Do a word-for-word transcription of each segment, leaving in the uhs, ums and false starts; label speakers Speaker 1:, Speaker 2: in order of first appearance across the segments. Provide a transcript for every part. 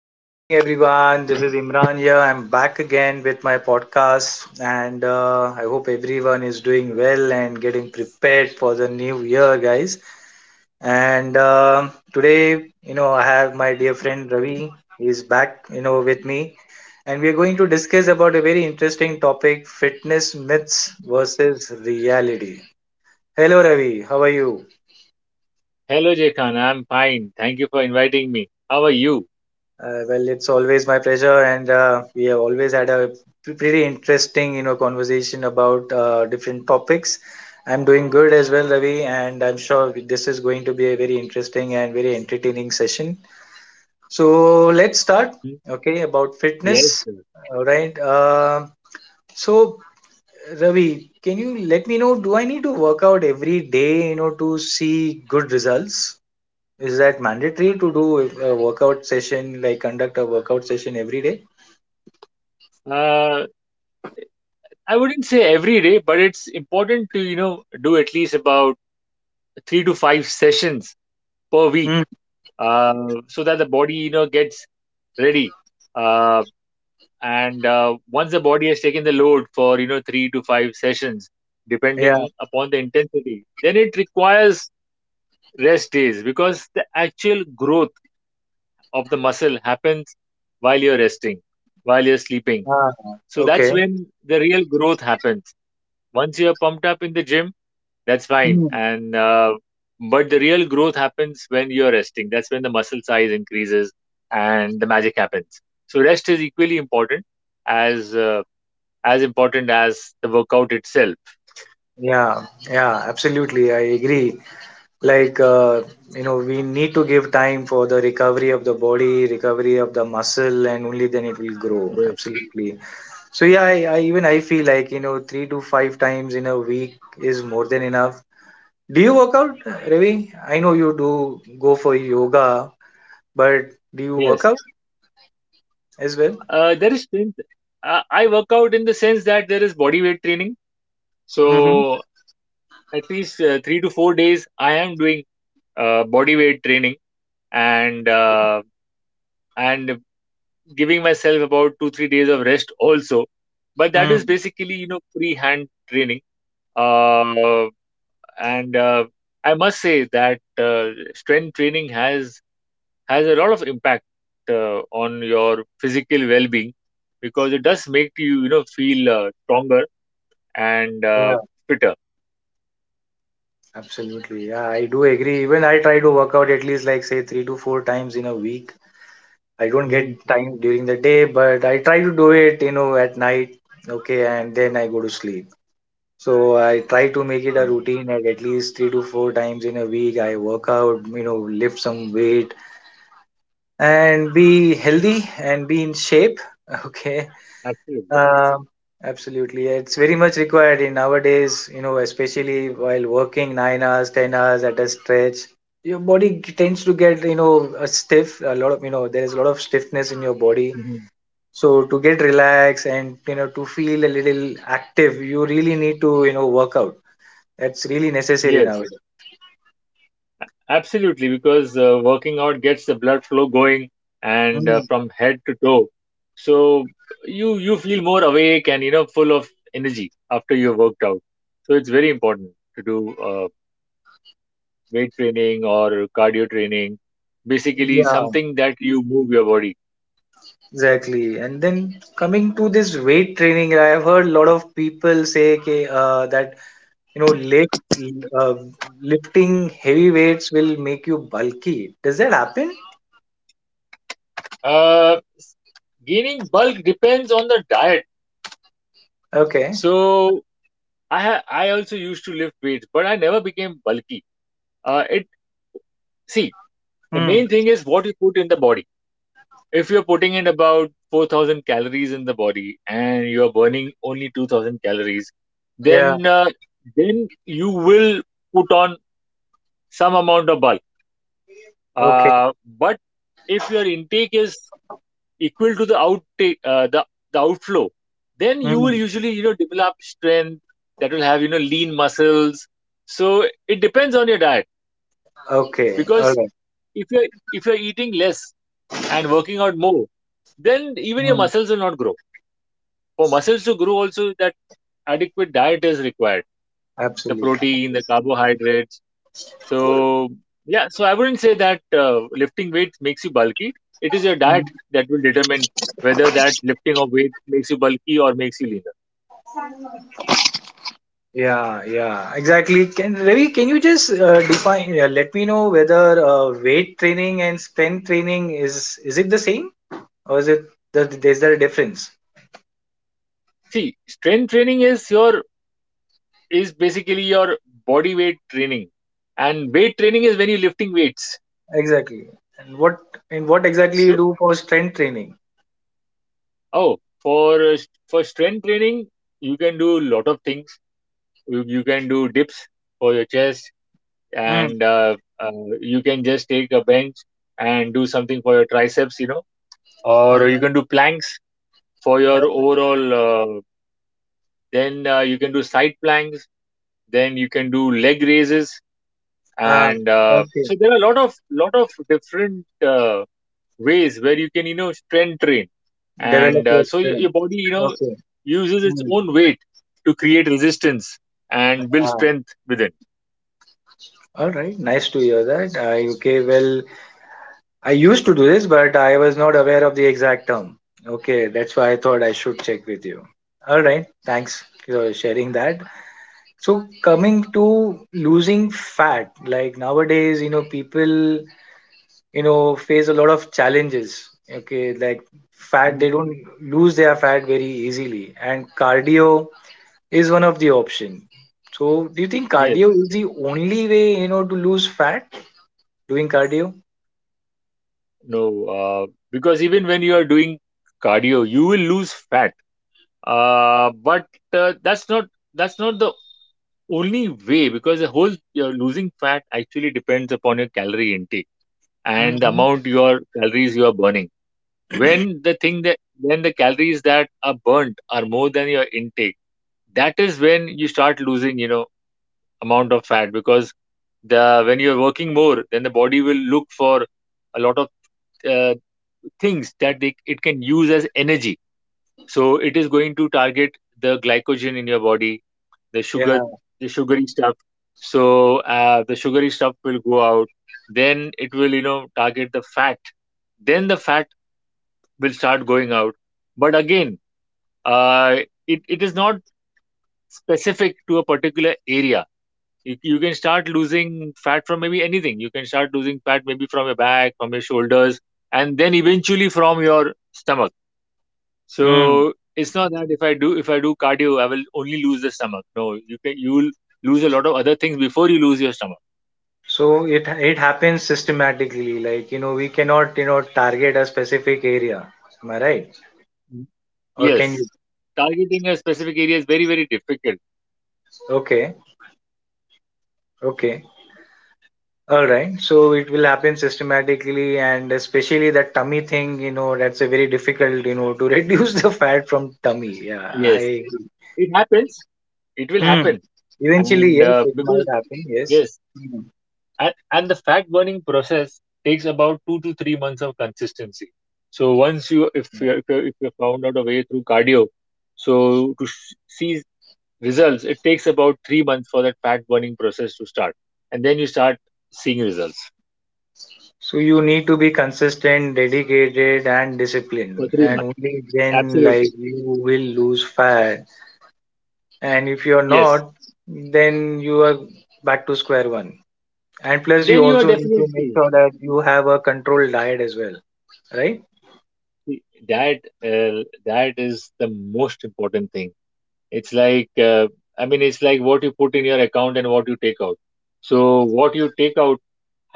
Speaker 1: Good evening, everyone. This is Imran here. I'm back again with my podcast, and uh, I hope everyone is doing well and getting prepared for the new year, guys. And uh, today, you know, I have my dear friend Ravi. He's back, you know, with me, and we are going to discuss about a very interesting topic: fitness myths versus reality. Hello, Ravi. How are you?
Speaker 2: Hello, Jekan. I'm fine. Thank you for inviting me. How are you?
Speaker 1: Uh, well, it's always my pleasure, and uh, we have always had a p- pretty interesting, you know, conversation about uh, different topics. I'm doing good as well, Ravi, and I'm sure this is going to be a very interesting and very entertaining session. So let's start.
Speaker 2: Hmm?
Speaker 1: Okay, about
Speaker 2: Yes,
Speaker 1: fitness.
Speaker 2: sir.
Speaker 1: All right. Um so Ravi, can you let me know? Do I need to work out every day, you know, to see good results? Is that mandatory to do a workout session, like conduct a workout session every day?
Speaker 2: Uh, I wouldn't say every day, but it's important to, you know, do at least about three to five sessions per
Speaker 1: Mm,
Speaker 2: week, uh, so that the body, you know, gets ready. Uh, and uh, Once the body has taken the load for, you know, three to five sessions,
Speaker 1: yeah,
Speaker 2: depending upon the intensity, then it requires rest days, because the actual growth of the muscle happens while you're resting, while you're sleeping.
Speaker 1: ah,
Speaker 2: So that's
Speaker 1: okay.
Speaker 2: when the real growth happens. Once you're pumped up in the gym, that's fine.
Speaker 1: Mm.
Speaker 2: And uh, But the real growth happens when you're resting. That's when the muscle size increases and the magic happens. So rest is equally important as uh, as important as the workout itself.
Speaker 1: Yeah, yeah, absolutely. I agree. Like, uh, you know, we need to give time for the recovery of the body, recovery of the muscle, and only then it will grow.
Speaker 2: Yes,
Speaker 1: Absolutely. So yeah, I, I even I feel like, you know, three to five times in a week is more than enough. Do you work out, Ravi? I know you do go for yoga, but do you work
Speaker 2: yes.
Speaker 1: out as well?
Speaker 2: Uh, there is strength. Uh, I work out in the sense that there is body weight training.
Speaker 1: Mm-hmm.
Speaker 2: So at least uh, three to four days I am doing uh, body weight training and uh, and giving myself about two three days of rest also, but that is basically, you know, free hand training. Uh, and uh, I must say that uh, strength training has has a lot of impact uh, on your physical well-being, because it does make you, you know, feel uh, stronger and uh,
Speaker 1: Mm.
Speaker 2: fitter.
Speaker 1: Absolutely. Yeah, I do agree. Even I try to work out at least like say three to four times in a week. I don't
Speaker 2: Mhm.
Speaker 1: get time during the day, but I try to do it, you know, at night. Okay, and then I go to sleep. So I try to make it a
Speaker 2: Mhm.
Speaker 1: routine at at least three to four times in a week. I work out, you know, lift some weight and be healthy and be in shape. Okay.
Speaker 2: Absolutely.
Speaker 1: Um, absolutely. It's very much required in nowadays, you know, especially while working nine hours, ten hours at a stretch. Your body g- tends to get, you know, a stiff, a lot of, you know, there is a lot of stiffness in your body.
Speaker 2: Mhm.
Speaker 1: So to get relaxed and, you know, to feel a little active, you really need to, you know, work out. That's really necessary
Speaker 2: Yes.
Speaker 1: nowadays.
Speaker 2: Absolutely, because uh, working out gets the blood flow going and uh,
Speaker 1: Mm,
Speaker 2: from head to toe. So you you feel more awake and, you know, full of energy after you've worked out. So it's very important to do uh, weight training or cardio training, basically
Speaker 1: yeah,
Speaker 2: something that you move your body.
Speaker 1: exactly. And then coming to this weight training, I have heard a lot of people say okay, uh, that you know lift uh, lifting heavy weights will make you bulky. Does that happen?
Speaker 2: Uh, s- Gaining bulk depends on the diet.
Speaker 1: Okay.
Speaker 2: So I ha I also used to lift weights, but I never became bulky. Uh, it see the
Speaker 1: Hmm.
Speaker 2: main thing is what you put in the body. If you're putting in about four thousand calories in the body and you're burning only two thousand calories, then
Speaker 1: Yeah.
Speaker 2: uh, then you will put on some amount of bulk,
Speaker 1: Okay.
Speaker 2: uh, but if your intake is equal to the outtake, uh, the, the outflow, then you will
Speaker 1: Hmm.
Speaker 2: usually, you know, develop strength that will have, you know, lean muscles. So it depends on your diet,
Speaker 1: Okay.
Speaker 2: because
Speaker 1: All right.
Speaker 2: if you're if you're eating less and working out more, then even your
Speaker 1: Hmm.
Speaker 2: muscles will not grow. For muscles to grow also, that adequate diet is required. The
Speaker 1: Absolutely.
Speaker 2: protein, the carbohydrates. So yeah, so I wouldn't say that uh, lifting weights makes you bulky. It is your diet that will determine whether that lifting of weight makes you bulky or makes you leaner.
Speaker 1: Yeah, yeah, exactly. Can ravi can you just uh, define, yeah, let me know whether uh, weight training and strength training is is it the same, or is it that there's there a difference?
Speaker 2: See, strength training is your is basically your body weight training. And weight training is when you're lifting weights.
Speaker 1: Exactly. And what, and what exactly you
Speaker 2: So
Speaker 1: do for strength training?
Speaker 2: oh, for uh, st- for strength training, you can do a lot of things. You, you can do dips for your chest,
Speaker 1: Hmm.
Speaker 2: and uh, uh, you can just take a bench and do something for your triceps, you know,
Speaker 1: All
Speaker 2: or you
Speaker 1: right.
Speaker 2: can do planks for your
Speaker 1: Okay.
Speaker 2: overall, uh, then uh, you can do side planks, then you can do leg raises,
Speaker 1: Ah,
Speaker 2: and uh,
Speaker 1: okay.
Speaker 2: so there are a lot of lot of different uh, ways where you can, you know, strength train.
Speaker 1: Develop
Speaker 2: And uh,
Speaker 1: your
Speaker 2: So your,
Speaker 1: strength.
Speaker 2: your body, you know,
Speaker 1: Okay.
Speaker 2: uses its
Speaker 1: Mm.
Speaker 2: own weight to create resistance and build
Speaker 1: Ah,
Speaker 2: strength within.
Speaker 1: all right. Nice to hear that. I, okay. Well, I used to do this, but I was not aware of the exact term. Okay. That's why I thought I should check with you. All right. Thanks for sharing that. So, coming to losing fat, like nowadays, you know, people, you know, face a lot of challenges. Okay. Like fat, they
Speaker 2: Mhm.
Speaker 1: don't lose their fat very easily. And cardio, is one of the option. So do you think cardio
Speaker 2: Yes.
Speaker 1: is the only way you know to lose fat? Doing cardio?
Speaker 2: No, uh, because even when you are doing cardio, you will lose fat. Uh, but uh, that's not That's not the only way, because the whole uh, losing fat actually depends upon your calorie intake and the
Speaker 1: Hmm.
Speaker 2: amount your calories you are burning. When the thing that when the calories that are burnt are more than your intake, that is when you start losing, you know, amount of fat, because the when you're working more, then the body will look for a lot of uh, things that it, it can use as energy. So it is going to target the glycogen in your body, the sugar,
Speaker 1: Yeah.
Speaker 2: the sugary stuff. So uh, the sugary stuff will go out, then it will, you know, target the fat, then the fat will start going out. But again, uh, it, it is not specific to a particular area. You, you can start losing fat from maybe anything. You can start losing fat maybe from your back, from your shoulders, and then eventually from your stomach.
Speaker 1: Mm.
Speaker 2: So it's not that if i do if i do cardio I will only lose the stomach. No, you can you'll lose a lot of other things before you lose your stomach.
Speaker 1: So it it happens systematically. Like you know we cannot you know target a specific area. Am I right?
Speaker 2: Mm.
Speaker 1: Or can
Speaker 2: Yes.
Speaker 1: you?
Speaker 2: Targeting a specific area is very very difficult.
Speaker 1: Okay. Okay. All right. So it will happen systematically, and especially that tummy thing. You know that's a very difficult you know to reduce the fat from tummy. Yeah. I.
Speaker 2: Yes,
Speaker 1: agree.
Speaker 2: it happens. It will
Speaker 1: Mm.
Speaker 2: happen.
Speaker 1: Eventually,
Speaker 2: and
Speaker 1: yes,
Speaker 2: uh,
Speaker 1: it
Speaker 2: because
Speaker 1: might happen. Yes.
Speaker 2: yes and, and the fat burning process takes about two to three months of consistency. So once you, if you if you if you found out a way through cardio, so to sh- see results, it takes about three months for that fat burning process to start, and then you start seeing results
Speaker 1: So you need to be consistent, dedicated, and
Speaker 2: for
Speaker 1: disciplined,
Speaker 2: three
Speaker 1: and
Speaker 2: months
Speaker 1: only then like
Speaker 2: Absolutely.
Speaker 1: you will lose fat. And if you're
Speaker 2: Yes,
Speaker 1: not, then you are back to square one. And plus, you
Speaker 2: then you are
Speaker 1: also need to make
Speaker 2: definitely
Speaker 1: sure that you have a controlled diet as well, right?
Speaker 2: that. Uh, that is the most important thing. It's like, uh, I mean, it's like what you put in your account and what you take out. So what you take out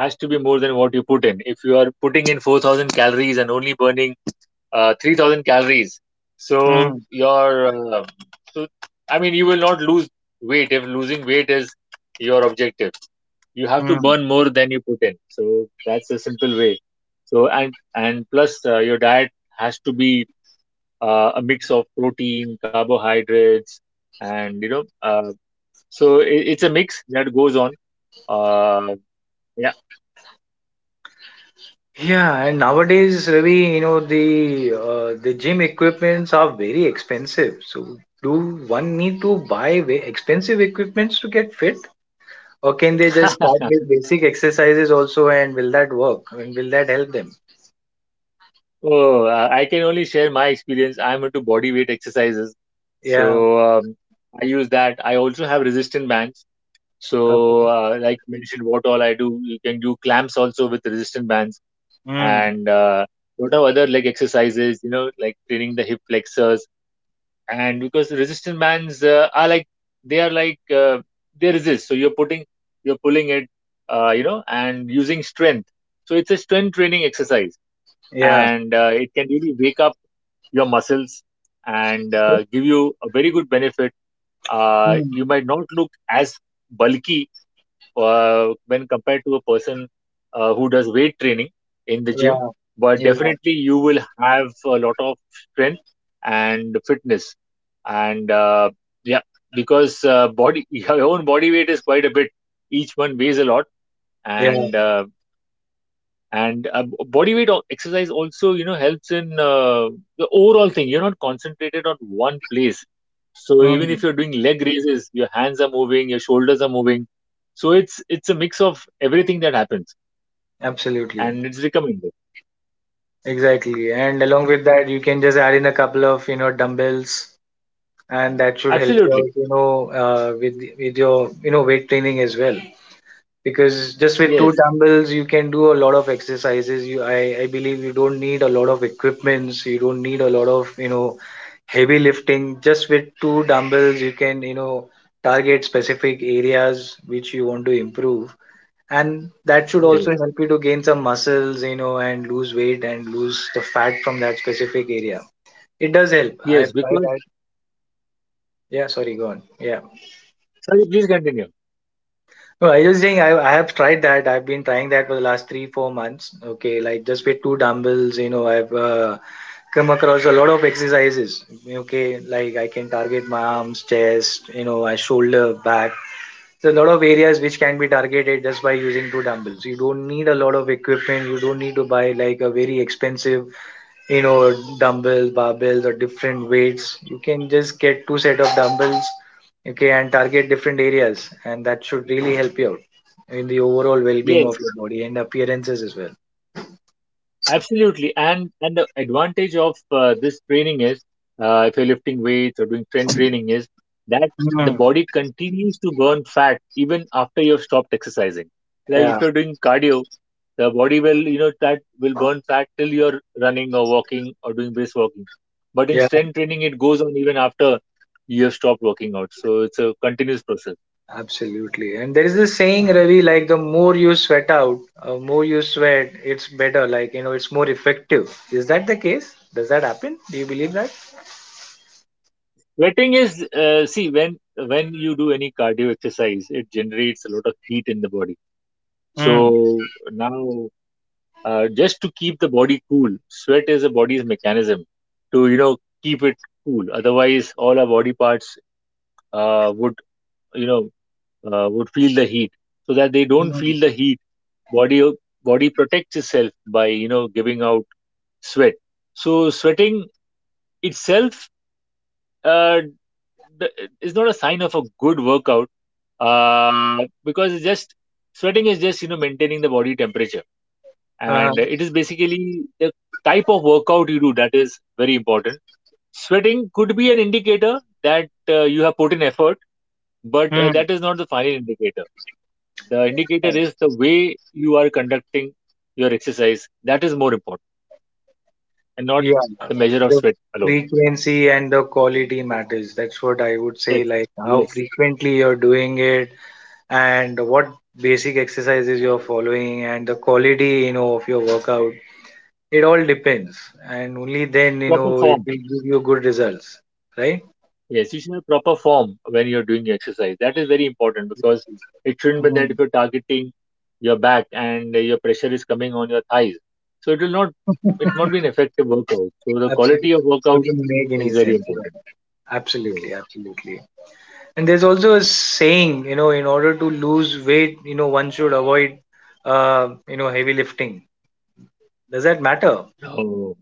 Speaker 2: has to be more than what you put in. If you are putting in four thousand calories and only burning uh, three thousand calories, so
Speaker 1: Hmm.
Speaker 2: your uh, so I mean you will not lose weight, if losing weight is your objective. You have to
Speaker 1: Hmm.
Speaker 2: burn more than you put in. So that's a simple way. So and and plus uh, your diet has to be uh, a mix of protein, carbohydrates, and, you know, uh, so it, it's a mix that goes on. Uh, yeah.
Speaker 1: Yeah, and nowadays, Ravi, you know the uh, the gym equipments are very expensive. So do one need to buy ve- expensive equipments to get fit? Or can they just start with basic exercises also and will that work? I mean, will that help them?
Speaker 2: Oh, uh, I can only share my experience. I'm into body weight exercises, so
Speaker 1: Yeah.
Speaker 2: um, I use that. I also have resistant bands.
Speaker 1: Okay.
Speaker 2: So, uh, like mentioned, what all I do, you can do clamps also with resistant bands,
Speaker 1: Mm.
Speaker 2: and uh, lot of other like exercises. You know, like training the hip flexors, and because the resistant bands uh, are like they are like uh, they resist, so you're putting, you're pulling it, uh, you know, and using strength. So it's a strength training exercise,
Speaker 1: Yeah.
Speaker 2: and uh, it can really wake up your muscles and uh, give you a very good benefit. Uh,
Speaker 1: Mm.
Speaker 2: you might not look as bulky uh, when compared to a person uh, who does weight training in the gym.
Speaker 1: Yeah.
Speaker 2: But
Speaker 1: Yeah.
Speaker 2: definitely, you will have a lot of strength and fitness. And uh, yeah, because uh, body your own body weight is quite a bit. Each one weighs a lot,
Speaker 1: Yeah.
Speaker 2: and uh, and uh, b- body weight al- exercise also, you know, helps in uh, the overall thing. You're not concentrated on one place, so even
Speaker 1: Mm.
Speaker 2: if you're doing leg raises, your hands are moving, your shoulders are moving. So it's it's a mix of everything that happens,
Speaker 1: Absolutely.
Speaker 2: and it's recommended
Speaker 1: Exactly. And along
Speaker 2: and
Speaker 1: with that, you can just add in a couple of, you know, dumbbells and that should help you
Speaker 2: absolutely.
Speaker 1: out, you know, uh, with, with your, you know, weight training as well. Because just with two
Speaker 2: Yes.
Speaker 1: dumbbells you can do a lot of exercises. You i, I believe you don't need a lot of equipments. You don't need a lot of, you know heavy lifting. Just with two dumbbells you can, you know target specific areas which you want to improve, and that should
Speaker 2: Yes.
Speaker 1: also help you to gain some muscles, you know and lose weight and lose the fat from that specific area. It does help. I've
Speaker 2: Yes,
Speaker 1: tried
Speaker 2: because
Speaker 1: that. Yeah, sorry, go on. Yeah.
Speaker 2: sorry please continue.
Speaker 1: No, I just saying I, I have tried that. I've been trying that for the last three, four months. Okay, like just with two dumbbells, you know, I've uh, come across a lot of exercises. Okay, like I can target my arms, chest, you know, my shoulder, back. There's a lot of areas which can be targeted just by using two dumbbells. You don't need a lot of equipment. You don't need to buy like a very expensive, you know dumbbells, barbells, or different weights. You can just get two set of dumbbells, okay, and target different areas, and that should really help you out in the overall well-being of
Speaker 2: Yes.
Speaker 1: your body and appearances as well.
Speaker 2: Absolutely, and and the advantage of uh, this training is, uh, if you're lifting weights or doing strength training, is that the
Speaker 1: Hmm.
Speaker 2: body continues to burn fat even after you've stopped exercising. Like if
Speaker 1: Yeah,
Speaker 2: you're doing cardio, the body will, you know, that will burn fat till you're running or walking or doing brisk walking. But in
Speaker 1: yeah,
Speaker 2: strength training, it goes on even after you have stopped working out. So it's a continuous process.
Speaker 1: absolutely. And there is this saying, Ravi, like the more you sweat out, uh, more you sweat it's better, like you know it's more effective. Is that the case? Does that happen? Do you believe that?
Speaker 2: Sweating is, uh, see, when when you do any cardio exercise, it generates a lot of heat in the body.
Speaker 1: Hmm.
Speaker 2: So now, uh, just to keep the body cool, sweat is the body's mechanism to, you know, keep it cool. Otherwise, all our body parts uh, would, you know, uh, would feel the heat. So that they don't
Speaker 1: Mm.
Speaker 2: feel the heat, body body protects itself by, you know, giving out sweat. So sweating itself, uh, d- is not a sign of a good workout, uh, because it's just, sweating is just, you know, maintaining the body temperature, and
Speaker 1: Uh-huh.
Speaker 2: it is basically the type of workout you do that is very important. Sweating could be an indicator that uh, you have put in effort, but uh,
Speaker 1: Hmm.
Speaker 2: that is not the final indicator. The indicator is the way you are conducting your exercise. That is more important, and not
Speaker 1: Yeah,
Speaker 2: the measure of
Speaker 1: the
Speaker 2: sweat alone.
Speaker 1: frequency and the quality matters. That's what I would say,
Speaker 2: Yes.
Speaker 1: like how
Speaker 2: Yes,
Speaker 1: frequently you're doing it and what basic exercises you're following and the quality, you know, of your workout. It all depends, and only then, you
Speaker 2: proper
Speaker 1: know, it
Speaker 2: form.
Speaker 1: will give you good results, right?
Speaker 2: Yes, you should have proper form when you're doing your exercise. That is very important, because it shouldn't be that
Speaker 1: Mm,
Speaker 2: if you're targeting your back and your pressure is coming on your thighs. So it will not, it will not be an effective workout. So the quality of
Speaker 1: absolutely. It
Speaker 2: workout
Speaker 1: doesn't make
Speaker 2: is
Speaker 1: any
Speaker 2: very
Speaker 1: sense.
Speaker 2: important.
Speaker 1: Yeah.
Speaker 2: Yes.
Speaker 1: Absolutely, absolutely. And there's also a saying, you know, in order to lose weight, you know, one should avoid, uh, you know, heavy lifting. Does that matter?
Speaker 2: No,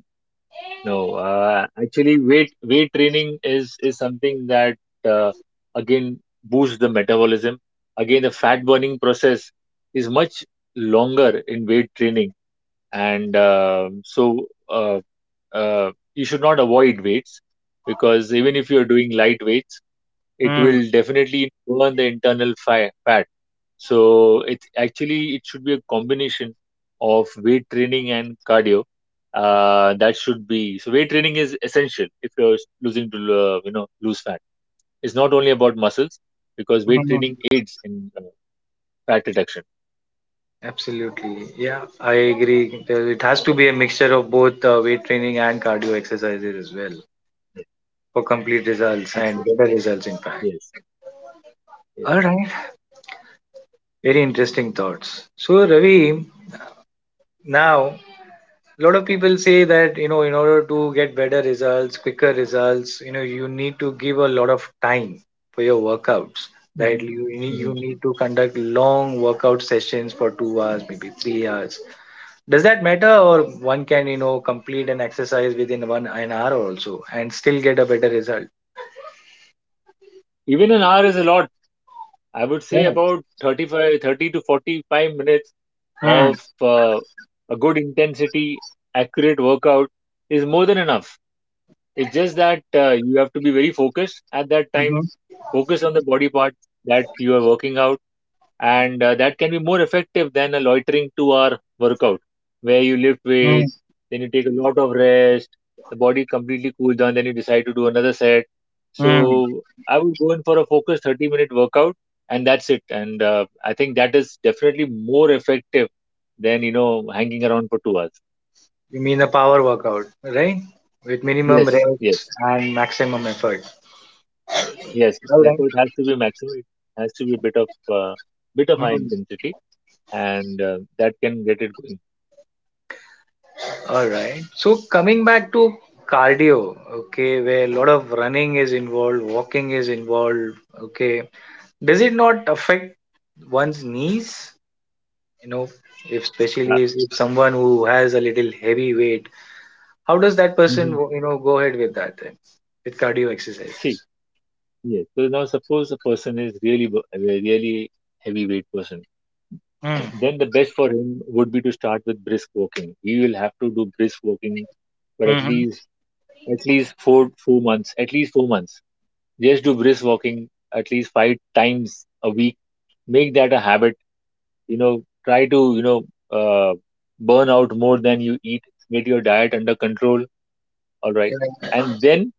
Speaker 2: no. Uh, actually, weight weight training is is something that uh, again boosts the metabolism. Again, the fat burning process is much longer in weight training, and um so uh, uh, you should not avoid weights, because even if you're doing light weights, it
Speaker 1: Mm,
Speaker 2: will definitely burn the internal fi- fat. So it's actually it should be a combination of weight training and cardio. Uh, that should be, so weight training is essential if you're losing to uh, you know lose fat. It's not only about muscles, because
Speaker 1: mm,
Speaker 2: weight training aids in uh, fat reduction.
Speaker 1: absolutely. Yeah, I agree. There- It has to be a mixture of both uh, weight training and cardio exercises as well
Speaker 2: Yes,
Speaker 1: for complete results and
Speaker 2: absolutely.
Speaker 1: better results, in fact.
Speaker 2: Yes. Yes.
Speaker 1: All right. Very interesting thoughts. So, Ravi, now a lot of people say that, you know, in order to get better results, quicker results, you know, you need to give a lot of time for your workouts. That
Speaker 2: Hmm.
Speaker 1: you, you need to conduct long workout sessions for two hours, maybe three hours. Does that matter, or one can you know complete an exercise within one an hour also and still get a better result?
Speaker 2: Even an hour is a lot. I would say
Speaker 1: Yeah.
Speaker 2: about thirty-five, thirty to forty-five minutes
Speaker 1: Mm.
Speaker 2: of uh, a good intensity, accurate workout is more than enough. It's just that uh, you have to be very focused at that time,
Speaker 1: Mm-hmm.
Speaker 2: focus on the body part that you are working out, and uh, that can be more effective than a loitering two hour workout where you lift
Speaker 1: Mm.
Speaker 2: weight, then you take a lot of rest, the body completely cools down, then you decide to do another set. So
Speaker 1: Mm.
Speaker 2: I would go in for a focused thirty minute workout, and that's it. And uh, I think that is definitely more effective than you know hanging around for two hours.
Speaker 1: You mean a power workout, right? With minimum
Speaker 2: Yes.
Speaker 1: reps
Speaker 2: Yes.
Speaker 1: and maximum effort.
Speaker 2: Yes,
Speaker 1: All right.
Speaker 2: therefore it has to be maximum. It has to be a bit of uh, bit of
Speaker 1: Mm.
Speaker 2: high intensity, and uh, that can get it going.
Speaker 1: All right. So coming back to cardio, okay, where a lot of running is involved, walking is involved, okay. Does it not affect one's knees? you know if especially
Speaker 2: uh,
Speaker 1: is if someone who has a little heavy weight, how does that person,
Speaker 2: mhm.
Speaker 1: you know go ahead with that then with cardio exercises?
Speaker 2: See. Yes. So now, suppose a person is really wo- a really heavyweight person.
Speaker 1: Mm,
Speaker 2: Then the best for him would be to start with brisk walking. He will have to do brisk walking for at
Speaker 1: mm-hmm,
Speaker 2: least at least four four months. At least four months. Just do brisk walking at least five times a week. Make that a habit. You know, try to you know uh, burn out more than you eat. Get your diet under control. All right,
Speaker 1: yeah,
Speaker 2: and then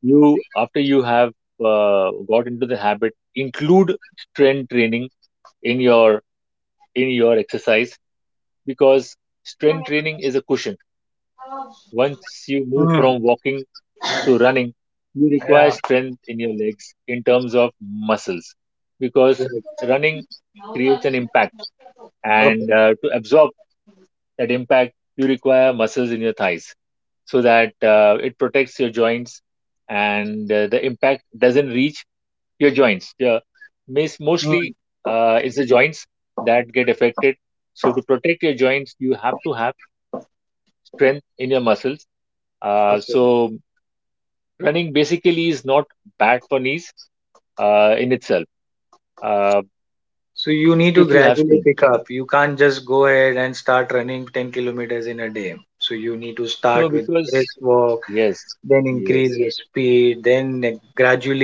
Speaker 2: you after you have uh, got into the habit, include strength training in your in your exercise, because strength training is a cushion. Once you move
Speaker 1: mm,
Speaker 2: from walking to running, you require
Speaker 1: yeah,
Speaker 2: strength in your legs in terms of muscles, because
Speaker 1: right.
Speaker 2: running creates an impact,
Speaker 1: Okay.
Speaker 2: and uh, to absorb that impact you require muscles in your thighs, so that uh, it protects your joints and uh, the impact doesn't reach your joints. Yeah. Mis- Mostly
Speaker 1: Mm.
Speaker 2: uh, it's the joints that get affected. So to protect your joints, you have to have strength in your muscles. Uh,
Speaker 1: Okay.
Speaker 2: so running basically is not bad for knees uh, in itself, uh,
Speaker 1: So you need to
Speaker 2: if you have
Speaker 1: gradually
Speaker 2: strength.
Speaker 1: pick up. You can't just go ahead and start running ten kilometers in a day. So you need to
Speaker 2: No,
Speaker 1: start with brisk
Speaker 2: because
Speaker 1: walk,
Speaker 2: yes,
Speaker 1: then increase
Speaker 2: yes,
Speaker 1: your speed, then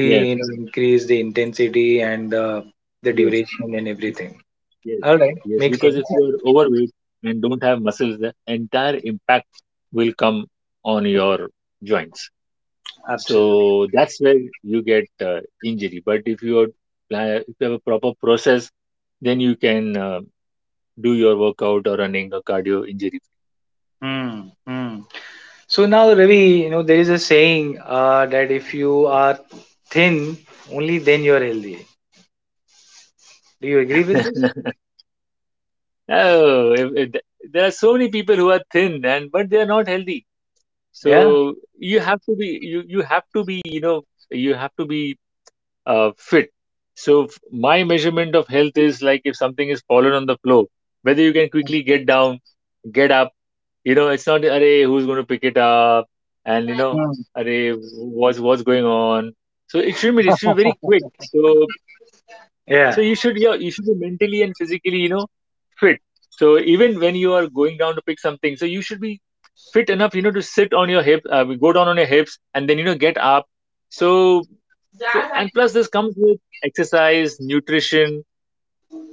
Speaker 2: yes,
Speaker 1: you know increase the intensity and the, the
Speaker 2: yes,
Speaker 1: duration and
Speaker 2: bec-
Speaker 1: everything.
Speaker 2: yes,
Speaker 1: All right,
Speaker 2: yes.
Speaker 1: makes
Speaker 2: Because if
Speaker 1: sense.
Speaker 2: you are overweight and don't have muscles, the entire impact will come on your joints. So
Speaker 1: Absolutely.
Speaker 2: that's where you get uh, injury. But if you are plan- if you have a proper process, then you can uh, do your workout or running or cardio injury.
Speaker 1: Hmm. Hmm. So now, Ravi, you know, there is a saying uh, that if you are thin, only then you are healthy. Do you agree with
Speaker 2: Free.
Speaker 1: this?
Speaker 2: Oh, if, if, th- there are so many people who are thin and but they are not healthy.
Speaker 1: Yeah.
Speaker 2: So you have to be you you have to be you know you have to be uh, fit. So f- my measurement of health is like, if something is fallen on the floor, whether you can quickly get down, get up. You know, it's not array who's going to pick it up, and you know,
Speaker 1: Hmm.
Speaker 2: array what's what's going on. So it should be it should be very quick. So so
Speaker 1: Yeah.
Speaker 2: you should, yeah, you should be mentally and physically, you know, fit. So even when you are going down to pick something, so you should be fit enough, you know, to sit on your hip, uh, go down on your hips and then, you know, get up. So so and plus this comes with exercise, nutrition,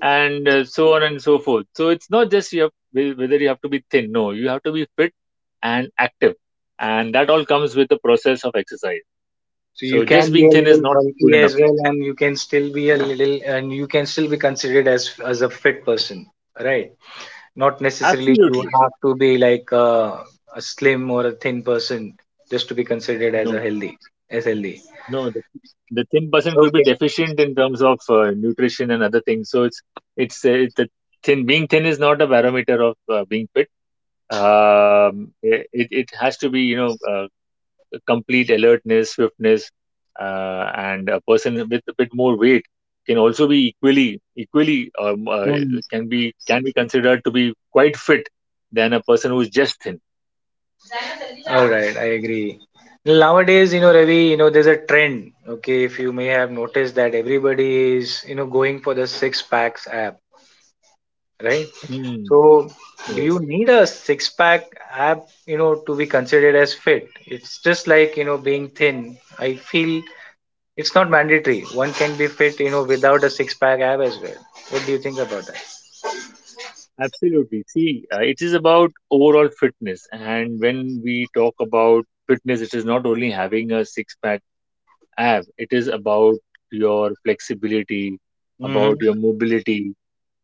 Speaker 2: and uh, so on and so forth. So it's not just you have whe- whether you have to be thin, no, you have to be fit and active, and that all comes with the process of exercise.
Speaker 1: So you
Speaker 2: So
Speaker 1: can
Speaker 2: just
Speaker 1: be
Speaker 2: being
Speaker 1: a
Speaker 2: thin is
Speaker 1: little
Speaker 2: not
Speaker 1: bulky
Speaker 2: good
Speaker 1: as
Speaker 2: enough.
Speaker 1: well, and you can still be a little, and you can still be considered as as a fit person, right? Not necessarily you
Speaker 2: Absolutely.
Speaker 1: have to be like uh, a slim or a thin person just to be considered as a
Speaker 2: No.
Speaker 1: healthy, as healthy.
Speaker 2: No, the the thin person could be
Speaker 1: Okay.
Speaker 2: deficient in terms of uh, nutrition and other things. So it's it's uh, the thin being thin is not a barometer of uh, being fit. Um, i- it it has to be, you know, uh, complete alertness, swiftness, uh, and a person with a bit more weight can also be equally equally um, uh, can be can be considered to be quite fit than a person who's just thin.
Speaker 1: All right, I agree. Nowadays, you know, Ravi, you know, there's a trend. Okay, if you may have noticed that everybody is, you know, going for the six packs app, right?
Speaker 2: Mm,
Speaker 1: So, do you
Speaker 2: yes.
Speaker 1: need a six pack app, you know, to be considered as fit? It's just like, you know, being thin. I feel it's not mandatory. One can be fit, you know, without a six pack app as well. What do you think about that?
Speaker 2: Absolutely. See, uh, it is about overall fitness. And when we talk about fitness, it is not only having a six pack ab, it is about your flexibility,
Speaker 1: Mm-hmm.
Speaker 2: about your mobility,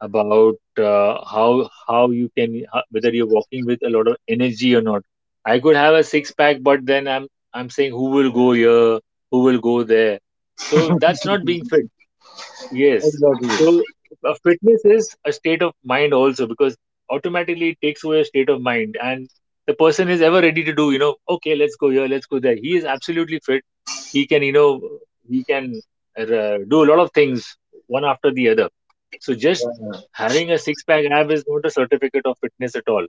Speaker 2: about uh, how how you can ho- whether you're walking with a lot of energy or not. I could have a six pack, but then I'm I'm saying, who will go here, who will go there. So that's not being fit. Yes.
Speaker 1: Exactly.
Speaker 2: So uh, fitness is a state of mind also, because automatically it takes away a state of mind, and the person is ever ready to do, you know, okay, let's go here, let's go there. He is absolutely fit. He can, you know, he can uh, do a lot of things one after the other. So just
Speaker 1: Yeah.
Speaker 2: having a six pack ab is not a certificate of fitness at all.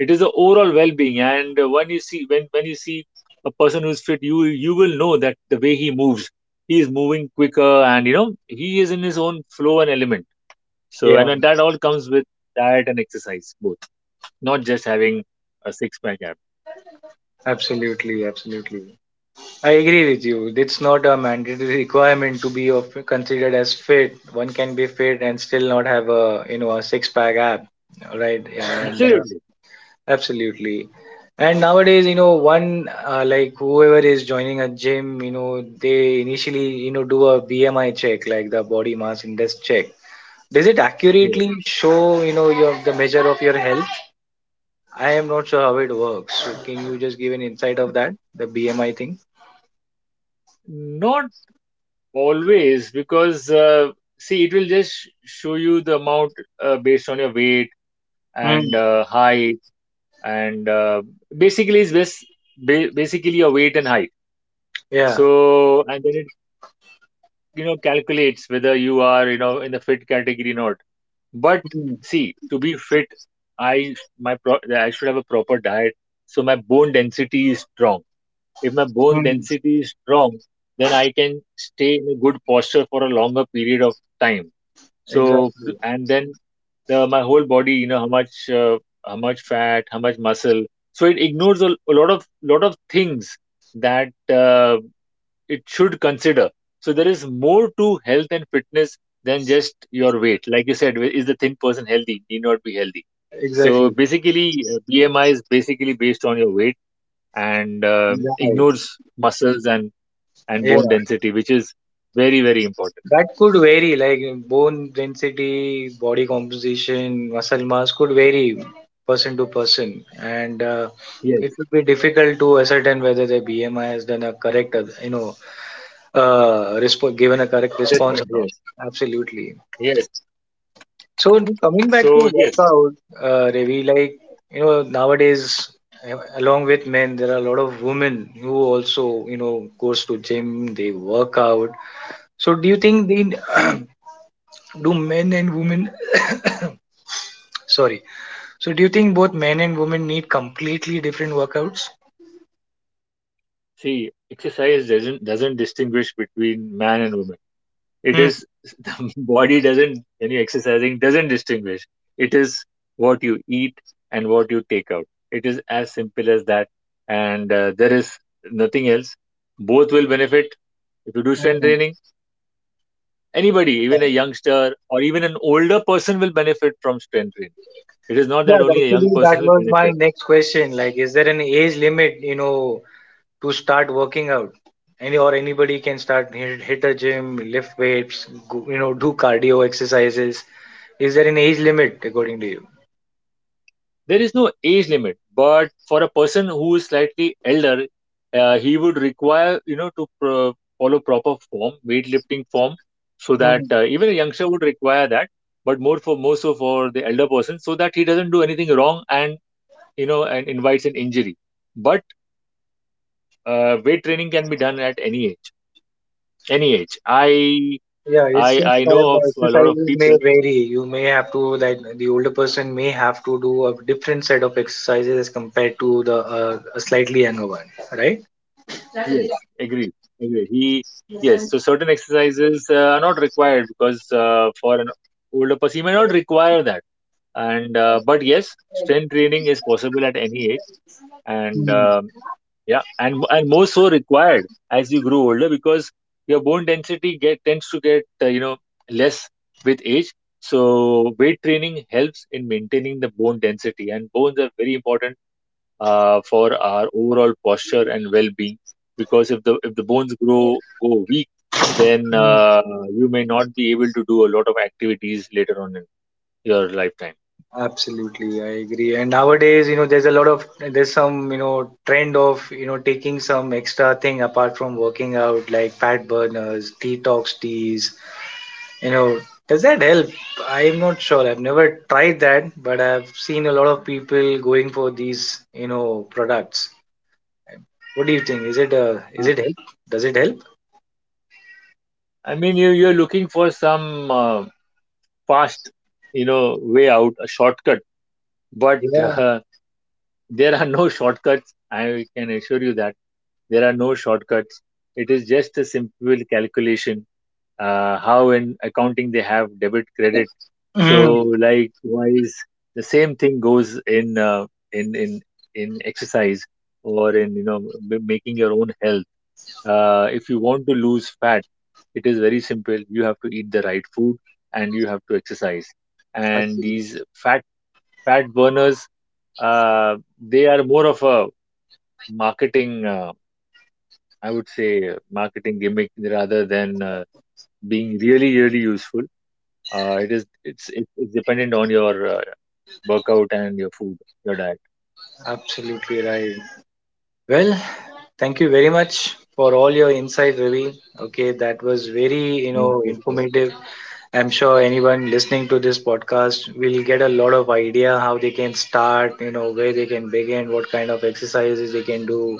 Speaker 2: It is the overall well-being. And uh, when you see, when, when you see a person who's fit, you, you will know that the way he moves, he is moving quicker, and you know he is in his own flow and element. So
Speaker 1: Yeah,
Speaker 2: and that all comes with diet and exercise both, not just having a six pack abs.
Speaker 1: absolutely, absolutely. I agree with you. It's not a mandatory requirement to be of, considered as fit. One can be fit and still not have a you know a six pack ab, right? And uh,
Speaker 2: Absolutely.
Speaker 1: absolutely. And nowadays, you know, one uh, like whoever is joining a gym, you know, they initially you know do a B M I check, like the body mass index check. Does it
Speaker 2: Yes.
Speaker 1: accurately show you know your the measure of your health? I am not sure how it works. So can you just give an insight of that, the B M I thing?
Speaker 2: Not always, because uh, see, it will just sh- show you the amount uh, based on your weight and
Speaker 1: Hmm.
Speaker 2: uh, height, and uh, basically it's bas ba- basically your weight and height.
Speaker 1: Yeah.
Speaker 2: So, and then it, you know, calculates whether you are, you know, in the fit category or not. But see, to be fit, I my pro, I should have a proper diet, so my bone density is strong. If my bone
Speaker 1: Mm,
Speaker 2: density is strong, then I can stay in a good posture for a longer period of time. So,
Speaker 1: exactly,
Speaker 2: and then the my whole body, you know, how much uh, how much fat, how much muscle. So it ignores a, a lot of lot of things that uh, it should consider. So there is more to health and fitness than just your weight. Like you said, is the thin person healthy? Need not be healthy. So
Speaker 1: exactly.
Speaker 2: basically, uh, B M I is basically based on your weight, and
Speaker 1: And
Speaker 2: um
Speaker 1: Right.
Speaker 2: ignores muscles and and
Speaker 1: Yeah,
Speaker 2: bone density, which is very very important.
Speaker 1: that could vary, like bone density, body composition, muscle mass could vary person to person, and uh, it
Speaker 2: Yes,
Speaker 1: would be difficult to ascertain whether the B M I has done a correct, uh, you know, uh, resp- given a correct response or
Speaker 2: definitely.
Speaker 1: not.
Speaker 2: Yes.
Speaker 1: Absolutely.
Speaker 2: Yes.
Speaker 1: So coming back to
Speaker 2: So yes,
Speaker 1: workout, uh, Ravi, like you know nowadays, uh, along with men, there are a lot of women who also you know goes to gym, they work out. So do you think they do men and women? Sorry. So do you think both men and women need completely different workouts?
Speaker 2: see, exercise doesn't doesn't distinguish between man and woman. It
Speaker 1: Hmm.
Speaker 2: is, body doesn't, when you're exercising, doesn't distinguish. It is what you eat and what you take out. It is as simple as that. And uh, there is nothing else. Both will benefit if you do strength
Speaker 1: Hmm.
Speaker 2: training. Anybody, even a youngster or even an older person, will benefit from strength training. It is not
Speaker 1: Yeah,
Speaker 2: that only a young
Speaker 1: actually, that
Speaker 2: person will
Speaker 1: was my
Speaker 2: benefit.
Speaker 1: next question. Like, is there an age limit? You know, to start working out, any or anybody can start hit, hit a gym, lift weights, go, you know do cardio exercises? Is there an age limit according to you?
Speaker 2: There is no age limit, but for a person who is slightly elder, uh, he would require, you know, to pro- follow proper form, weightlifting form, so that
Speaker 1: Mm.
Speaker 2: uh, even a youngster would require that, but more for more so for the elder person, so that he doesn't do anything wrong and, you know, and invites an injury. But uh, weight training can be done at any age. Any age. I
Speaker 1: Yeah, it's
Speaker 2: I
Speaker 1: just
Speaker 2: I know
Speaker 1: that the
Speaker 2: of a lot of
Speaker 1: exercises may
Speaker 2: people.
Speaker 1: vary. You may have to, like, the older person may have to do a different set of exercises as compared to the uh, a slightly younger one, right?
Speaker 2: Yes, agreed. Agreed. He,
Speaker 1: Mm,
Speaker 2: yes, so certain exercises uh, are not required, because uh, for an older person, he may not require that. And uh, but yes, strength training is possible at any age, and
Speaker 1: mm.
Speaker 2: um, yeah, and and more so required as you grow older, because your bone density get tends to get uh, you know less with age. So weight training helps in maintaining the bone density, and bones are very important uh, for our overall posture and well-being, because if the if the bones grow go weak, then uh, you may not be able to do a lot of activities later on in your lifetime.
Speaker 1: Absolutely, I agree. And nowadays, you know, there's a lot of there's some you know trend of you know taking some extra thing apart from working out, like fat burners, detox teas. You know, does that help? I'm not sure. I've never tried that, but I've seen a lot of people going for these you know products. What do you think? Is it uh, is
Speaker 2: Uh,
Speaker 1: it help? Does it help?
Speaker 2: i mean you you're looking for some uh, fast, you know, way out, a shortcut, but
Speaker 1: Yeah.
Speaker 2: uh, there are no shortcuts. I can assure you that there are no shortcuts. It is just a simple calculation. Uh, how in accounting they have debit, credit, so
Speaker 1: Mhm.
Speaker 2: likewise, the same thing goes in uh, in in in exercise or in, you know, b- making your own health. Uh, if you want to lose fat, it is very simple. You have to eat the right food and you have to exercise. And these
Speaker 1: Absolutely,
Speaker 2: fat fat burners, uh, they are more of a marketing, uh, I would say uh, marketing gimmick, rather than uh, being really really useful. Uh, it is it's it's it's dependent on your uh, workout and your food, your diet.
Speaker 1: absolutely right. Well, thank you very much for all your insight, Ravi. Okay, that was very, you
Speaker 2: Thank
Speaker 1: know,
Speaker 2: you for
Speaker 1: informative. I'm sure anyone listening to this podcast will get a lot of idea how they can start, you know, where they can begin, what kind of exercises they can do,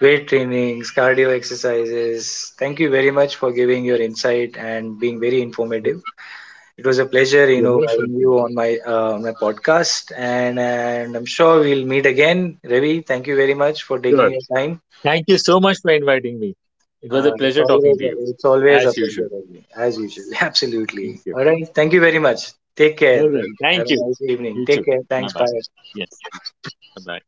Speaker 1: weight trainings, cardio exercises. Thank you very much for giving your insight and being very
Speaker 2: your,
Speaker 1: informative. It was a pleasure, you
Speaker 2: your
Speaker 1: know,
Speaker 2: emotional
Speaker 1: having
Speaker 2: thing.
Speaker 1: you on my uh, on my podcast, and, and I'm sure we'll meet again, Ravi. Thank you very much for taking
Speaker 2: Sure.
Speaker 1: your time.
Speaker 2: Thank you so much for inviting me. It was
Speaker 1: Uh,
Speaker 2: a
Speaker 1: it's
Speaker 2: pleasure talking
Speaker 1: always
Speaker 2: to
Speaker 1: a,
Speaker 2: you,
Speaker 1: it's always a
Speaker 2: as
Speaker 1: pleasure,
Speaker 2: usual.
Speaker 1: Ravi, as usual.
Speaker 2: Thank
Speaker 1: Absolutely.
Speaker 2: you.
Speaker 1: All right. Thank you very much. Take care.
Speaker 2: All right.
Speaker 1: Ravi. Have
Speaker 2: Thank you.
Speaker 1: a nice evening.
Speaker 2: You
Speaker 1: Take
Speaker 2: too.
Speaker 1: care.
Speaker 2: Bye
Speaker 1: Thanks. Bye.
Speaker 2: bye. Yes. Bye bye.